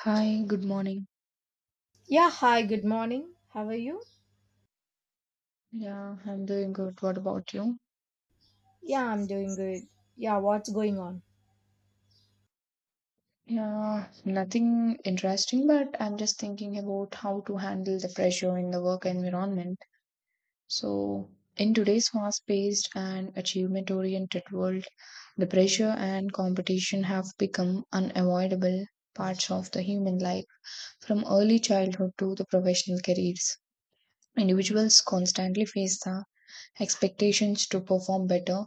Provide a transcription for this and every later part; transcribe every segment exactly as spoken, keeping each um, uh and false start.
Hi, good morning. Yeah, hi, good morning. How are you? Yeah, I'm doing good. What about you? Yeah, I'm doing good. Yeah, what's going on? Yeah, nothing interesting, but I'm just thinking about how to handle the pressure in the work environment. So, in today's fast-paced and achievement-oriented world, the pressure and competition have become unavoidable parts of the human life, from early childhood to the professional careers. Individuals constantly face the expectations to perform better,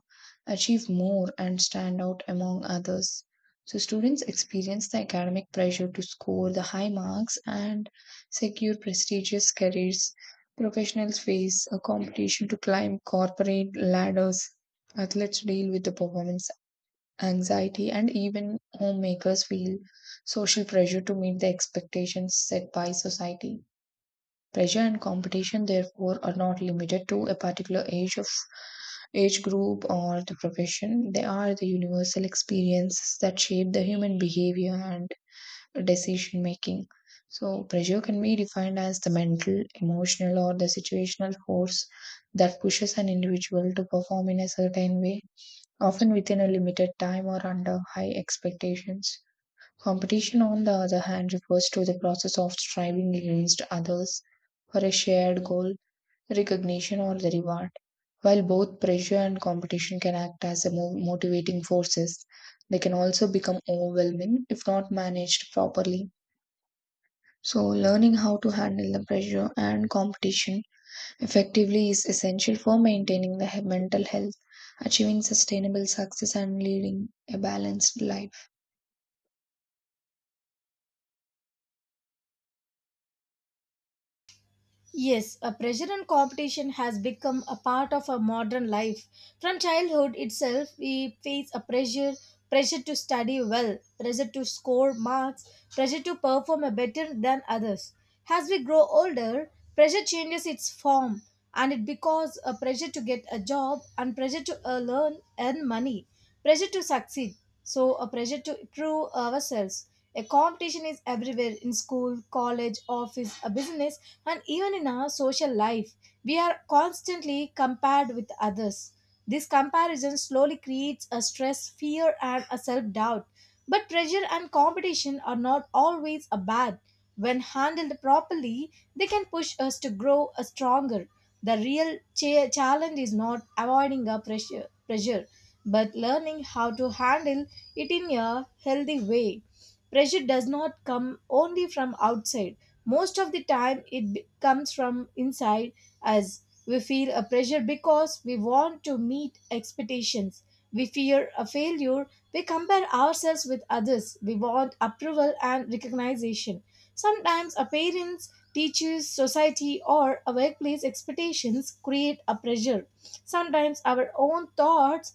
achieve more, and stand out among others. So, students experience the academic pressure to score the high marks and secure prestigious careers. Professionals face a competition to climb corporate ladders. Athletes deal with the performance anxiety, and even homemakers feel social pressure to meet the expectations set by society. Pressure and competition, therefore, are not limited to a particular age of age group, or the profession. They are the universal experiences that shape the human behavior and decision making. So, pressure can be defined as the mental, emotional, or the situational force that pushes an individual to perform in a certain way, often within a limited time or under high expectations. Competition, on the other hand, refers to the process of striving against others for a shared goal recognition or the reward. While both pressure and competition can act as a mo- motivating forces, they can also become overwhelming if not managed properly. So, learning how to handle the pressure and competition effectively is essential for maintaining the he- mental health, achieving sustainable success, and leading a balanced life. Yes, a pressure and competition has become a part of our modern life. From childhood itself, we face a pressure pressure to study well, pressure to score marks, pressure to perform better than others. As we grow older, pressure changes its form and it becomes a pressure to get a job and pressure to uh, learn earn money, pressure to succeed. So a pressure to prove ourselves. A competition is everywhere in school, college, office, a business, and even in our social life, we are constantly compared with others. This comparison slowly creates a stress, fear, and a self-doubt, but pressure and competition are not always a bad. When handled properly, they can push us to grow a stronger. The real cha- challenge is not avoiding a pressure pressure, but learning how to handle it in a healthy way. Pressure does not come only from outside. Most of the time, it be- comes from inside us. We feel a pressure because we want to meet expectations. We fear a failure. We compare ourselves with others. We want approval and recognition. Sometimes our parents, teachers, society, or our workplace expectations create a pressure. Sometimes our own thoughts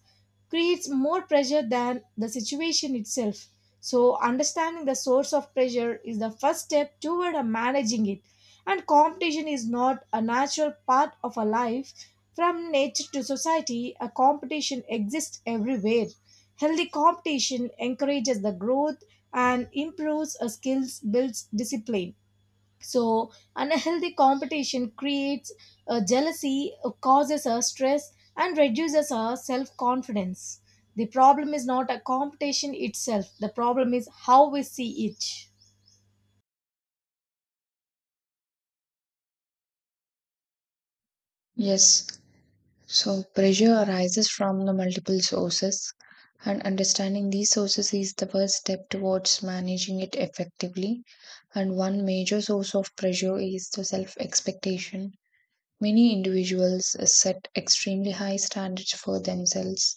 creates more pressure than the situation itself. So, understanding the source of pressure is the first step toward uh, managing it. And competition is not a natural part of a life. From nature to society, a competition exists everywhere. Healthy competition encourages the growth and improves uh, skills, builds discipline. So, unhealthy competition creates uh, jealousy, uh, causes us stress, and reduces our self confidence. The problem is not a competition itself, the problem is how we see it. Yes. So, pressure arises from the multiple sources, and understanding these sources is the first step towards managing it effectively. And one major source of pressure is the self expectation. Many individuals set extremely high standards for themselves,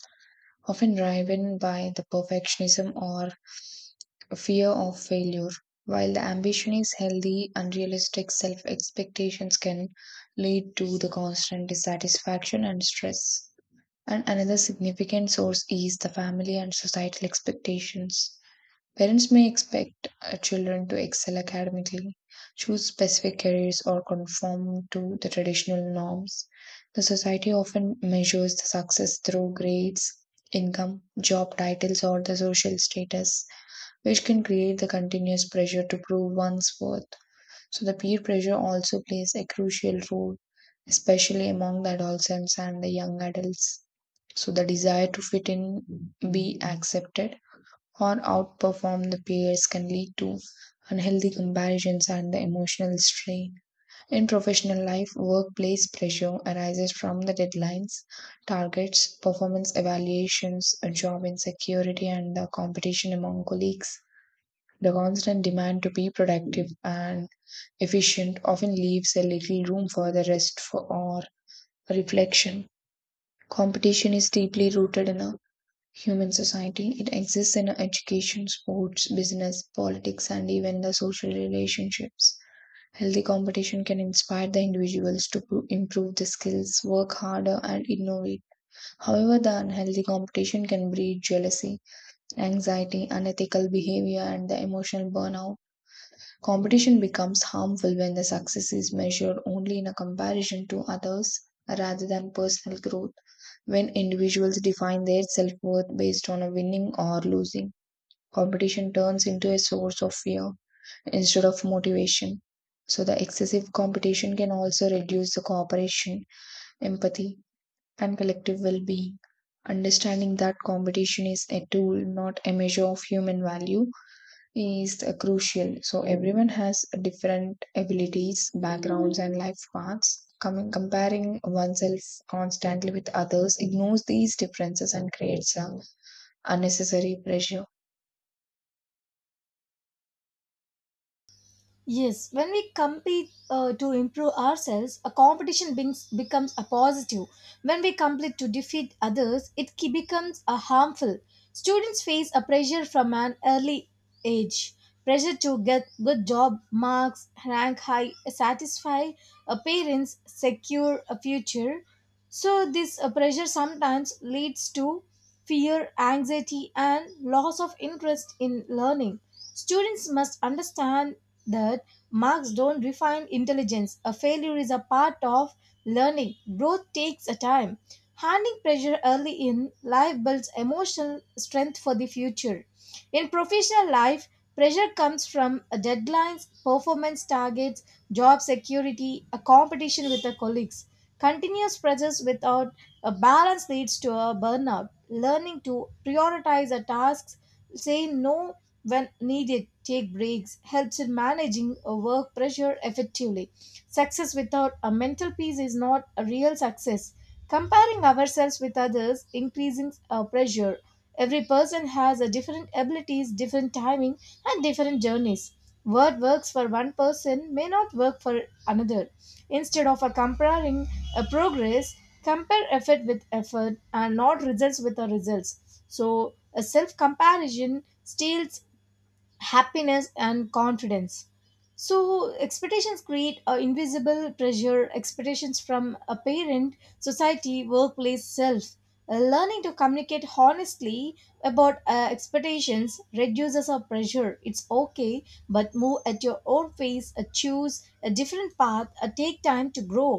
often driven by the perfectionism or fear of failure. While the ambition is healthy, unrealistic self expectations can lead to the constant dissatisfaction and stress. And another significant source is the family and societal expectations. Parents may expect uh, children to excel academically, choose specific careers, or conform to the traditional norms. The society often measures the success through grades, income, job titles, or the social status, which can create the continuous pressure to prove one's worth. So the peer pressure also plays a crucial role, especially among the adolescents and the young adults. So the desire to fit in, be accepted, or outperform the peers can lead to unhealthy comparisons and the emotional strain. In professional life, workplace pressure arises from the deadlines, targets, performance evaluations, a job insecurity, and the competition among colleagues. The constant demand to be productive and efficient often leaves a little room for the rest for or reflection. Competition is deeply rooted in a human society. It exists in education, sports, business, politics, and even the social relationships. Healthy competition can inspire the individuals to pro- improve their skills, work harder, and innovate. However, the unhealthy competition can breed jealousy, anxiety, unethical behavior, and the emotional burnout. Competition becomes harmful when the success is measured only in a comparison to others rather than personal growth. When individuals define their self worth based on a winning or losing, competition turns into a source of fear instead of motivation. So, the excessive competition can also reduce the cooperation, empathy, and collective well being. Understanding that competition is a tool, not a measure of human value, is the crucial. So everyone has different abilities, backgrounds, and life paths. Coming Comparing oneself constantly with others ignores these differences and creates a unnecessary pressure. Yes, when we compete uh, to improve ourselves, a competition beings, becomes a positive. When we compete to defeat others, it ke- becomes a harmful. Students face a pressure from an early age. Pressure to get good job marks, rank high, satisfy uh, parents, secure a future. So this uh, pressure sometimes leads to fear, anxiety, and loss of interest in learning. Students must understand that marks don't define intelligence. A failure is a part of learning. Growth takes a time. Handling pressure early in life builds emotional strength for the future. In professional life, pressure comes from a deadlines, performance targets, job security, a competition with the colleagues. Continuous pressures without a balance leads to a burnout. Learning to prioritize the tasks, say no when needed, take breaks, helps in managing a work pressure effectively. Success without a mental peace is not a real success. Comparing ourselves with others increasing our pressure. Every person has a different abilities, different timing, and different journeys. What works for one person may not work for another. Instead of a comparing a progress, compare effort with effort and not results with the results. So a self comparison steals happiness and confidence. So expectations create a invisible pressure, expectations from a parent, society, workplace, self. Uh, learning to communicate honestly about uh, expectations reduces our pressure. It's okay, but move at your own pace, uh, choose a different path, uh, take time to grow.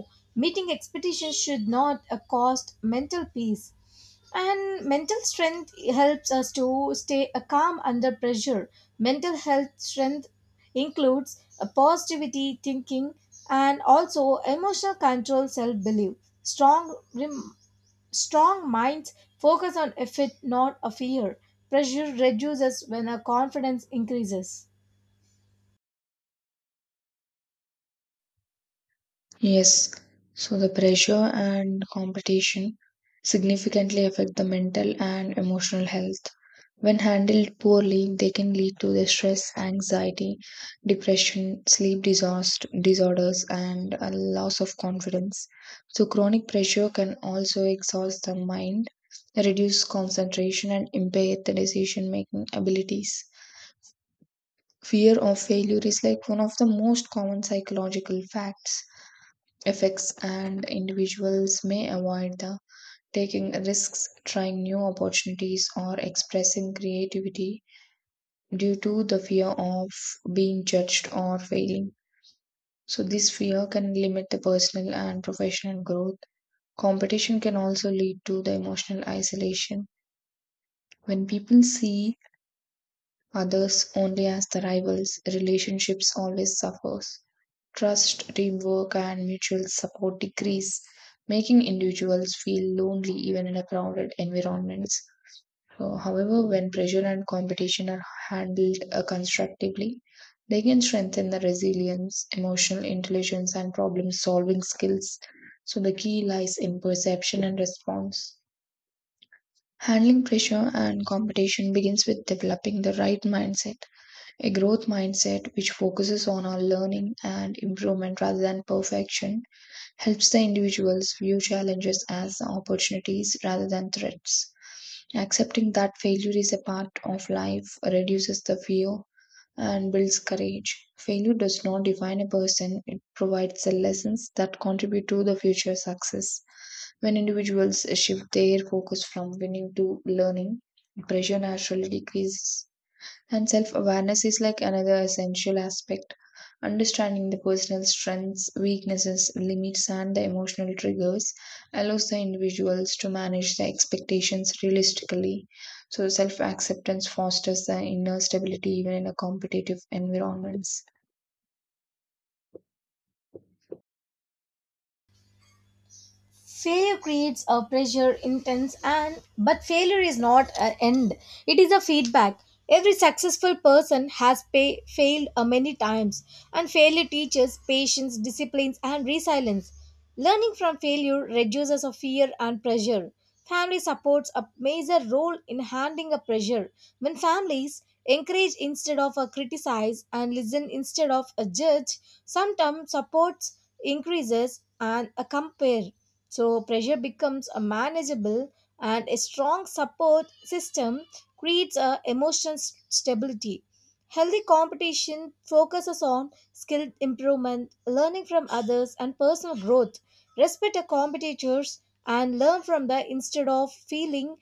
Meeting expectations should not uh, cost mental peace, and mental strength helps us to stay uh, calm under pressure. Mental health strength includes a positivity, thinking, and also emotional control, self belief. Strong, rem- Strong minds focus on effort, not a fear. Pressure reduces when our confidence increases. Yes, so the pressure and competition significantly affect the mental and emotional health. When handled poorly, they can lead to the stress, anxiety, depression, sleep disaster, disorders, and a loss of confidence. So, chronic pressure can also exhaust the mind, reduce concentration, and impair the decision making abilities. Fear of failure is like one of the most common psychological facts effects, and individuals may avoid the taking risks, trying new opportunities, or expressing creativity due to the fear of being judged or failing. So, this fear can limit the personal and professional growth. Competition can also lead to the emotional isolation. When people see others only as the rivals, relationships always suffers. Trust, teamwork, and mutual support decrease, making individuals feel lonely even in a crowded environments. Uh, however, when pressure and competition are handled uh, constructively, they can strengthen the resilience, emotional intelligence, and problem solving skills. So, the key lies in perception and response. Handling pressure and competition begins with developing the right mindset a growth mindset, which focuses on our learning and improvement rather than perfection, helps the individuals view challenges as opportunities rather than threats. Accepting that failure is a part of life reduces the fear and builds courage. Failure does not define a person, it provides the lessons that contribute to the future success. When individuals shift their focus from winning to learning, pressure naturally decreases and self awareness is like another essential aspect. Understanding the personal strengths, weaknesses, limits, and the emotional triggers allows the individuals to manage their expectations realistically. So, self acceptance fosters the inner stability even in a competitive environments. Failure creates a pressure intense, and but failure is not an end, it is a feedback. Every successful person has pa- failed uh, many times, and failure teaches patience, discipline, and resilience. Learning from failure reduces a fear and pressure. Family supports a major role in handling a pressure. When families encourage instead of uh, criticize and listen instead of uh, judge, sometimes supports increases and uh, compare. So, pressure becomes a manageable, and a strong support system creates a emotional s- stability. Healthy competition focuses on skill improvement, learning from others, and personal growth. Respect your competitors and learn from them instead of feeling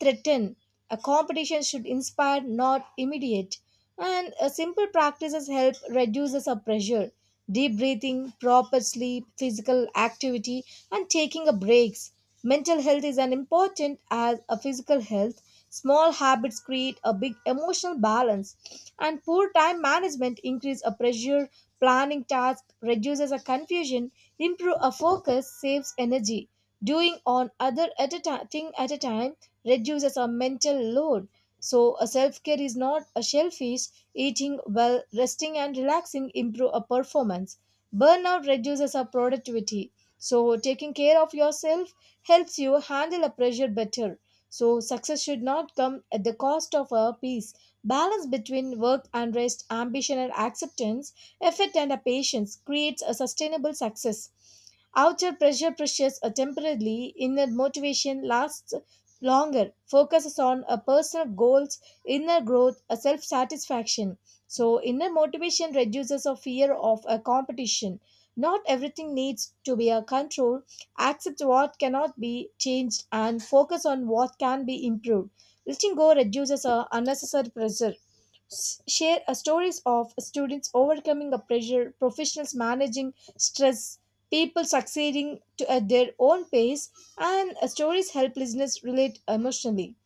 threaten. A competition should inspire, not immediate. And uh, simple practices help reduce the sub pressure. Deep breathing, proper sleep, physical activity, and taking a breaks. Mental health is as important as a physical health. Small habits create a big emotional balance, and poor time management increase a pressure. Planning tasks reduces a confusion, improve a focus, saves energy, doing on other at a ti- thing at a time reduces our mental load. So a self-care is not a shellfish, eating well, resting, and relaxing improve our performance. Burnout reduces our productivity, so taking care of yourself helps you handle a pressure better. So success should not come at the cost of our peace. Balance between work and rest, ambition and acceptance, effort and a patience creates a sustainable success. Outer pressure pressures are temporarily, inner motivation lasts longer, focuses on a personal goals, inner growth, a self satisfaction. So, inner motivation reduces a fear of a competition. Not everything needs to be a control. Accept what cannot be changed and focus on what can be improved. Letting go reduces a unnecessary pressure. S- share uh, stories of students overcoming a pressure, professionals managing stress, people succeeding to, at their own pace, and uh, stories help listeners relate emotionally.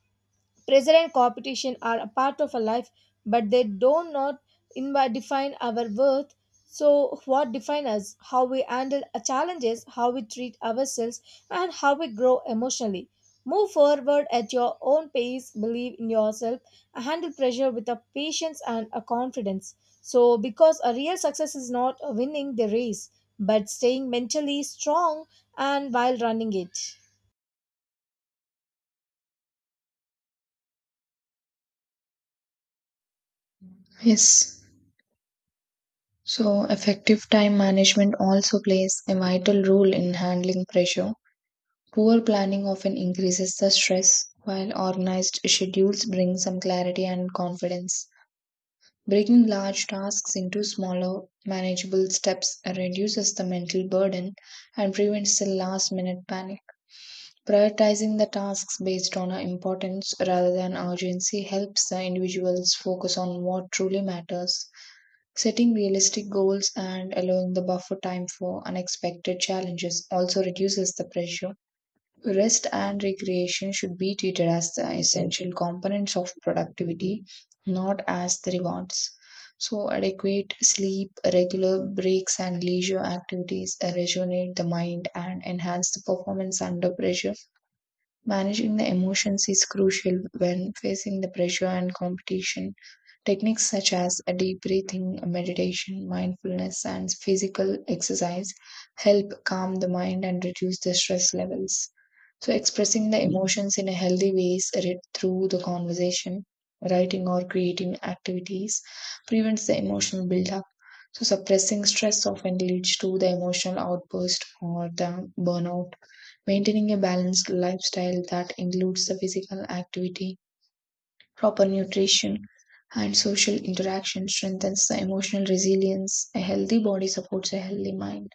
Pressure and competition are a part of our life, but they do not invi- define our worth. So, what defines us? How we handle our challenges, how we treat ourselves, and how we grow emotionally. Move forward at your own pace, believe in yourself, and handle pressure with a patience and a confidence. So, because a real success is not winning the race, but staying mentally strong and while running it. Yes. So, effective time management also plays a vital role in handling pressure. Poor planning often increases the stress, while organized schedules bring some clarity and confidence. Breaking large tasks into smaller, manageable steps reduces the mental burden and prevents the last minute panic. Prioritizing the tasks based on uh, importance rather than urgency helps the individuals focus on what truly matters. Setting realistic goals and allowing the buffer time for unexpected challenges also reduces the pressure. Rest and recreation should be treated as the essential components of productivity, not as the rewards. So, adequate sleep, regular breaks, and leisure activities rejuvenate the mind and enhance the performance under pressure. Managing the emotions is crucial when facing the pressure and competition. Techniques such as a deep breathing, meditation, mindfulness, and physical exercise help calm the mind and reduce the stress levels. So, expressing the emotions in a healthy ways read through the conversation, writing, or creating activities prevents the emotional buildup. So, suppressing stress often leads to the emotional outburst or the burnout. Maintaining a balanced lifestyle that includes the physical activity, proper nutrition, and social interaction strengthens the emotional resilience. A healthy body supports a healthy mind,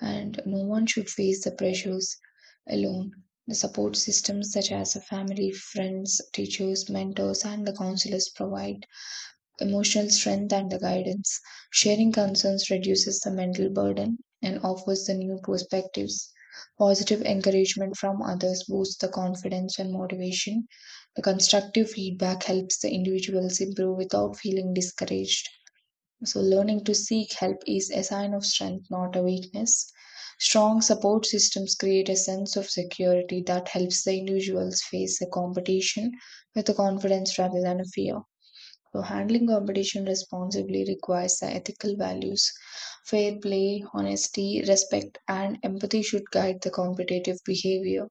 and no one should face the pressures alone. The support systems, such as a family, friends, teachers, mentors, and the counselors, provide emotional strength, and the guidance. Sharing concerns reduces the mental burden and offers the new perspectives. Positive encouragement from others boosts the confidence and motivation. The constructive feedback helps the individuals improve without feeling discouraged. So, learning to seek help is a sign of strength, not a weakness. Strong support systems create a sense of security that helps the individuals face the competition with the confidence rather than a fear. So, handling competition responsibly requires the ethical values. Fair play, honesty, respect, and empathy should guide the competitive behavior.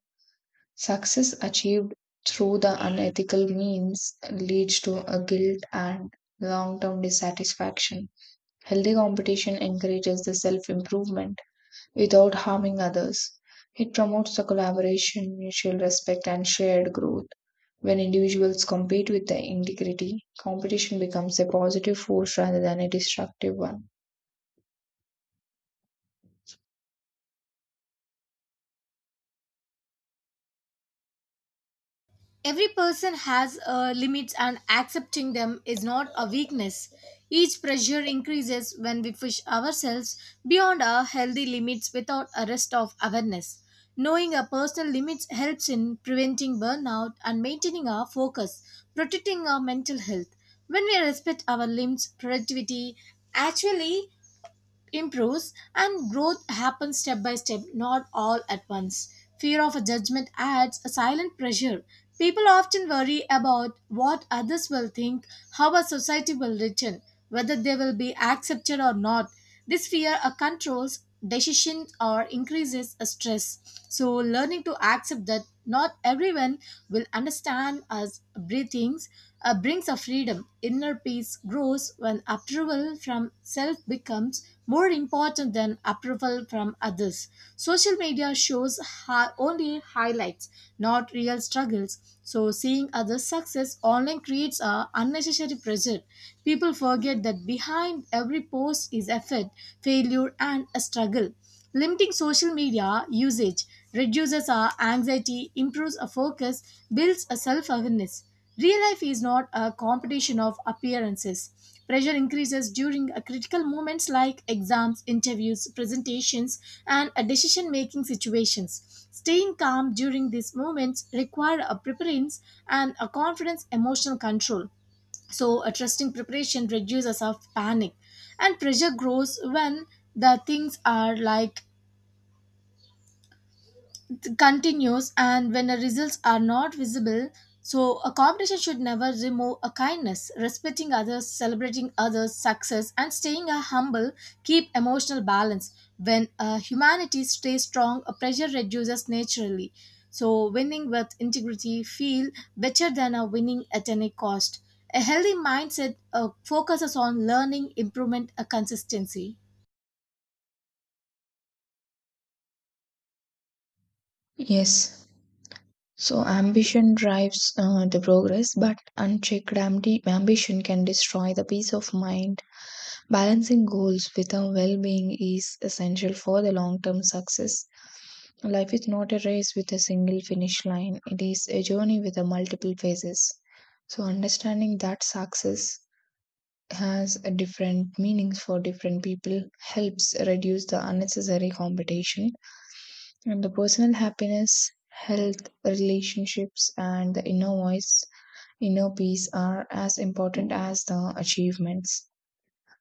Success achieved through the unethical means leads to a guilt and long term dissatisfaction. Healthy competition encourages the self improvement without harming others. It promotes the collaboration, mutual respect, and shared growth. When individuals compete with the integrity, competition becomes a positive force rather than a destructive one. Every person has uh, limits, and accepting them is not a weakness. Each pressure increases when we push ourselves beyond our healthy limits without a rest of awareness. Knowing our personal limits helps in preventing burnout and maintaining our focus, protecting our mental health. When we respect our limits, productivity actually improves and growth happens step by step, not all at once. Fear of a judgment adds a silent pressure. People often worry about what others will think, how a society will return, whether they will be accepted or not. This fear uh, controls decision or increases stress. So, learning to accept that not everyone will understand us breathings uh, brings a freedom. Inner peace grows when approval from self becomes more important than approval from others. Social media shows hi- only highlights, not real struggles. So, seeing others' success online creates a unnecessary pressure. People forget that behind behind every post is effort, failure, and a struggle. Limiting social media usage reduces our anxiety, improves our focus, builds a self awareness. Real life is not a competition of appearances. Pressure increases during a critical moments like exams, interviews, presentations, and a decision making situations. Staying calm during these moments require a preference and a confidence emotional control. So, a trusting preparation reduces our panic, and pressure grows when the things are like continues and when the results are not visible. So a competition should never remove a kindness, respecting others, celebrating others success, and staying a humble keep emotional balance. When uh, humanity stays strong, a pressure reduces naturally. So winning with integrity feel better than a winning at any cost. A healthy mindset uh, focuses on learning, improvement, a consistency. Yes. So ambition drives uh, the progress, but unchecked ambi- ambition can destroy the peace of mind. Balancing goals with our well-being is essential for the long-term success. Life is not a race with a single finish line, it is a journey with a multiple phases. So, understanding that success has a different meanings for different people helps reduce the unnecessary competition and the personal happiness, health, relationships, and the inner voice, inner peace are as important as the achievements.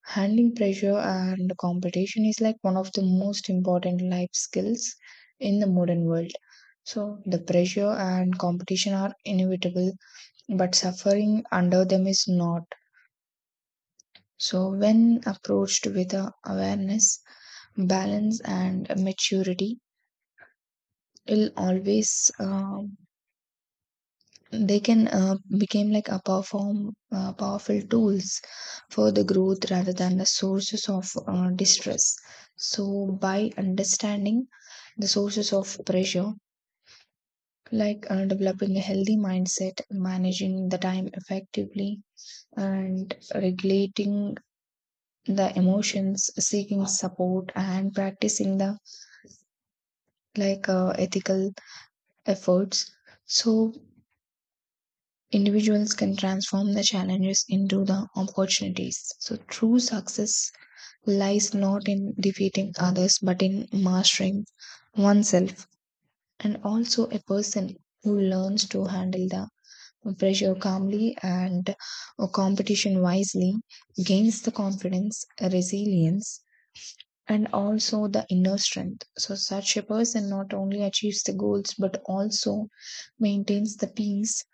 Handling pressure and competition is like one of the most important life skills in the modern world. So, the pressure and competition are inevitable, but suffering under them is not. So, when approached with a awareness, balance, and maturity, it'll always um, they can uh, became like a perform uh, powerful tools for the growth rather than the sources of uh, distress. So by understanding the sources of pressure like uh, developing a healthy mindset, managing the time effectively, and regulating the emotions, seeking support, and practicing the like uh, ethical efforts, so individuals can transform the challenges into the opportunities. So, true success lies not in defeating others but in mastering oneself. And also, a person who learns to handle the pressure calmly and uh, competition wisely gains the confidence, resilience, and also the inner strength. So, such a person not only achieves the goals but also maintains the peace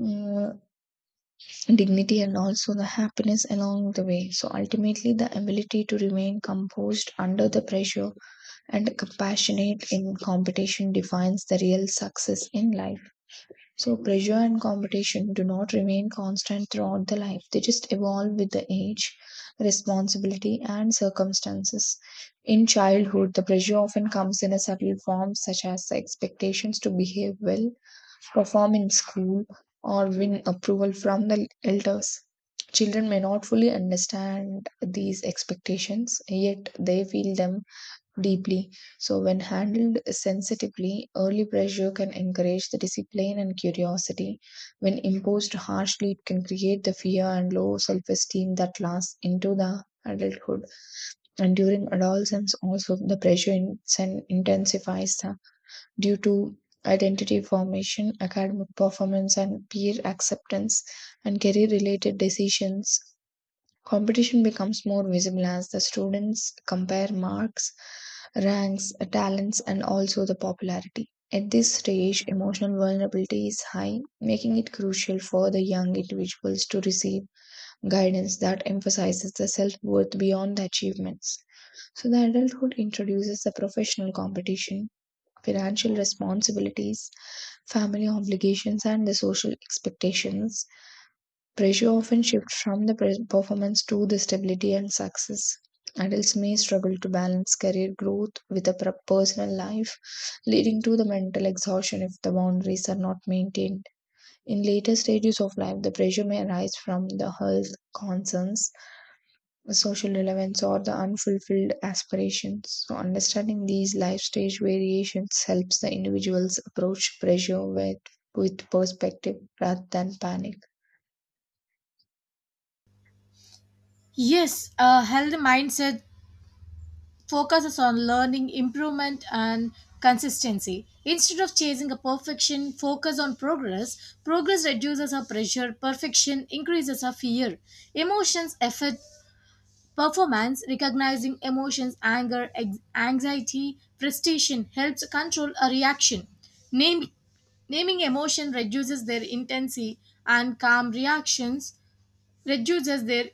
uh, dignity, and also the happiness along the way. So ultimately, the ability to remain composed under the pressure and compassionate in competition defines the real success in life. So pressure and competition do not remain constant throughout the life. They just evolve with the age, responsibility, and circumstances. In childhood, the pressure often comes in a subtle form such as the expectations to behave well, perform in school, or win approval from the elders. Children may not fully understand these expectations, yet they feel them deeply. So, when handled sensitively, early pressure can encourage the discipline and curiosity. When imposed harshly, it can create the fear and low self esteem that lasts into the adulthood. And during adolescence, also the pressure in- sen- intensifies the due to identity formation, academic performance, and peer acceptance, and career related decisions, competition becomes more visible as the students compare marks, ranks, talents, and also the popularity. At this stage, emotional vulnerability is high, making it crucial for the young individuals to receive guidance that emphasizes the self worth beyond the achievements. So, the adulthood introduces the professional competition, financial responsibilities, family obligations, and the social expectations. Pressure often shifts from the pres- performance to the stability and success. Adults may struggle to balance career growth with a pro- personal life, leading to the mental exhaustion if the boundaries are not maintained. In later stages of life, the pressure may arise from the health concerns, social relevance or the unfulfilled aspirations. So, understanding these life stage variations helps the individuals approach pressure with, with perspective rather than panic. Yes, a healthy mindset focuses on learning, improvement, and consistency. Instead of chasing a perfection, focus on progress. Progress reduces our pressure, perfection increases our fear. Emotions affect performance, recognizing emotions, anger, ex- anxiety, frustration helps control a reaction. Naming Naming emotion reduces their intensity, and calm reactions reduces their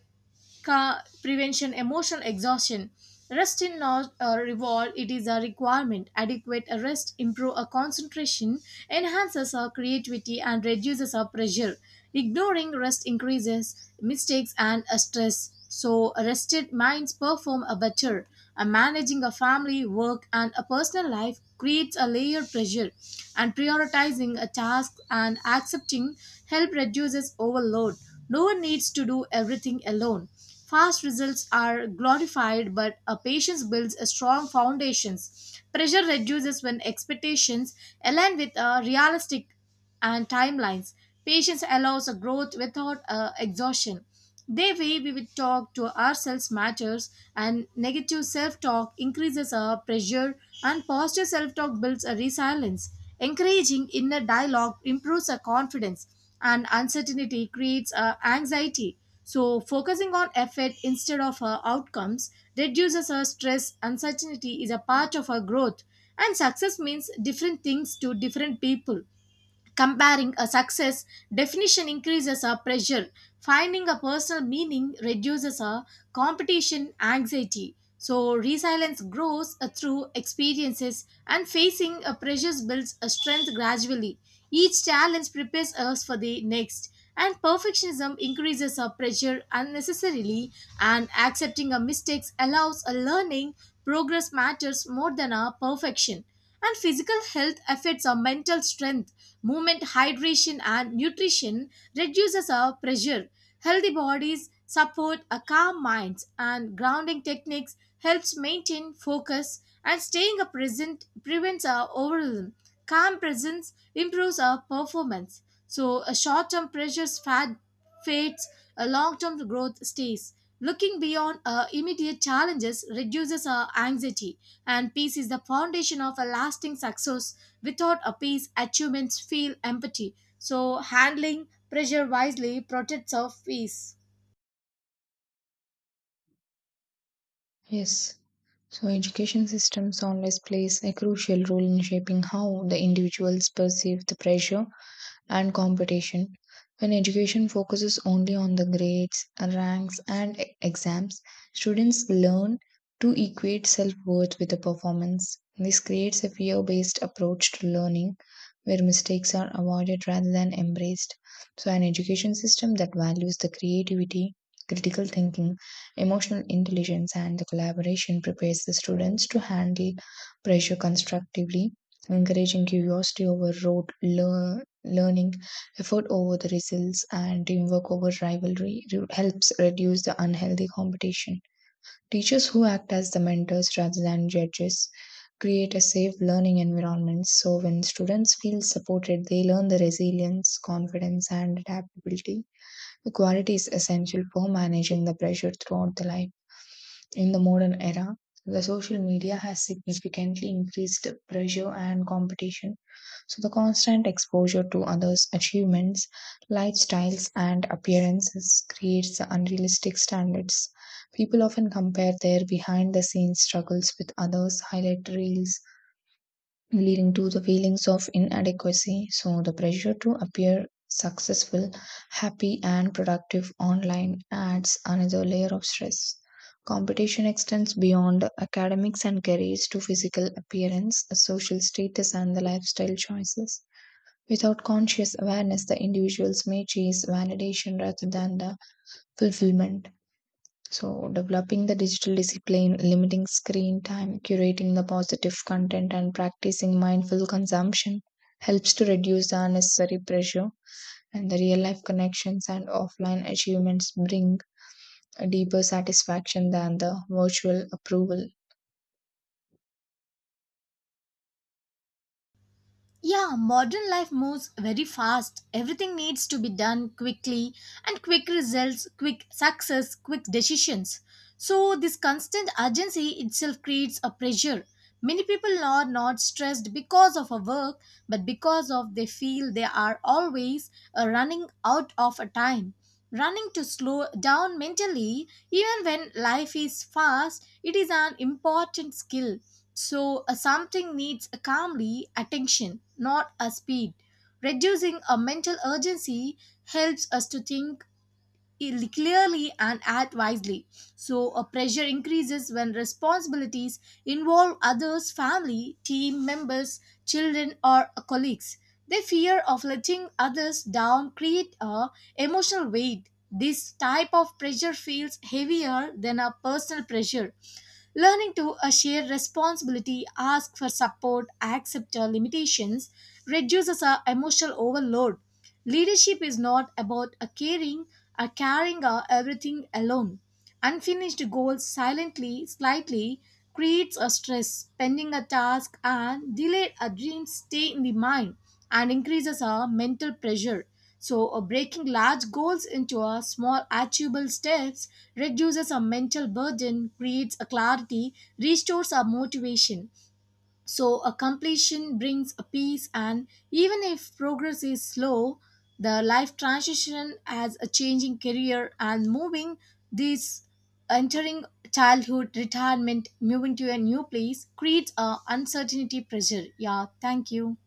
Ca- prevention emotional exhaustion. Rest is not a reward, it is a requirement. Adequate rest improves our concentration, enhances our creativity, and reduces our pressure. Ignoring rest increases mistakes and uh, stress, so rested minds perform a better. Uh, managing a family, work, and a personal life creates a layered pressure, and prioritizing a task and accepting help reduces overload. No one needs to do everything alone. Fast results are glorified, but a patience builds a strong foundations. Pressure reduces when expectations align with uh, realistic and timelines. Patience allows a growth without uh, exhaustion. The way we would talk to ourselves matters, and negative self talk increases our pressure, and positive self talk builds a resilience. Encouraging inner dialogue improves our confidence, and uncertainty creates uh, anxiety. So, focusing on effort instead of uh, outcomes reduces our stress. Uncertainty is a part of our growth, and success means different things to different people. Comparing a success definition increases our pressure. Finding a personal meaning reduces our competition anxiety. So, resilience grows uh, through experiences, and facing a pressure builds a strength gradually. Each challenge prepares us for the next, and perfectionism increases our pressure unnecessarily. And accepting our mistakes allows a learning. Progress matters more than our perfection. And physical health affects our mental strength. Movement, hydration, and nutrition reduces our pressure. Healthy bodies support a calm minds, and grounding techniques helps maintain focus. And staying a present prevents our overwhelm. Calm presence improves our performance. So a short-term pressures fad fades, a long-term growth stays. Looking beyond our immediate challenges reduces our anxiety, and peace is the foundation of a lasting success. Without a peace, achievements feel empty. So handling pressure wisely protects our peace. Yes. So, education systems always plays a crucial role in shaping how the individuals perceive the pressure and competition. When education focuses only on the grades, ranks, and e- exams, students learn to equate self worth with the performance. This creates a fear based approach to learning where mistakes are avoided rather than embraced. So, an education system that values the creativity, critical thinking, emotional intelligence, and the collaboration prepares the students to handle pressure constructively, encouraging curiosity over rote lear learning, effort over the results, and teamwork over rivalry re- helps reduce the unhealthy competition. Teachers who act as the mentors rather than judges create a safe learning environment. So when students feel supported, they learn the resilience, confidence, and adaptability, the quality is essential for managing the pressure throughout the life. In the modern era, the social media has significantly increased pressure and competition. So, the constant exposure to others' achievements, lifestyles, and appearances creates unrealistic standards. People often compare their behind the scenes struggles with others' highlight reels, leading to the feelings of inadequacy. So, the pressure to appear successful, happy, and productive online adds another layer of stress. Competition extends beyond academics and careers to physical appearance, social status, and the lifestyle choices. Without conscious awareness, the individuals may chase validation rather than the fulfillment. So, developing the digital discipline, limiting screen time, curating the positive content, and practicing mindful consumption helps to reduce the unnecessary pressure. And the real life connections and offline achievements bring a deeper satisfaction than the virtual approval. Yeah, modern life moves very fast. Everything needs to be done quickly, and quick results, quick success, quick decisions. So, this constant urgency itself creates a pressure. Many people are not stressed because of a work, but because of they feel they are always uh, running out of a time. Running to slow down mentally, even when life is fast, it is an important skill. So, uh, something needs calmly attention, not a speed. Reducing a mental urgency helps us to think il- clearly and act wisely. So, a pressure increases when responsibilities involve others, family, team members, children, or colleagues. The fear of letting others down create a emotional weight. This type of pressure feels heavier than a personal pressure. Learning to uh, share responsibility, ask for support, accept uh, limitations reduces our emotional overload. Leadership is not about uh, caring, are carrying our everything alone. Unfinished goals silently, slightly creates a stress, pending a task and delayed our dreams stay in the mind and increases our mental pressure. So, uh, breaking large goals into a small achievable steps reduces our mental burden, creates a clarity, restores our motivation. So, a completion brings a peace, and even if progress is slow, the life transition as a changing career and moving this entering childhood, retirement, moving to a new place creates a uncertainty pressure. Yeah, thank you.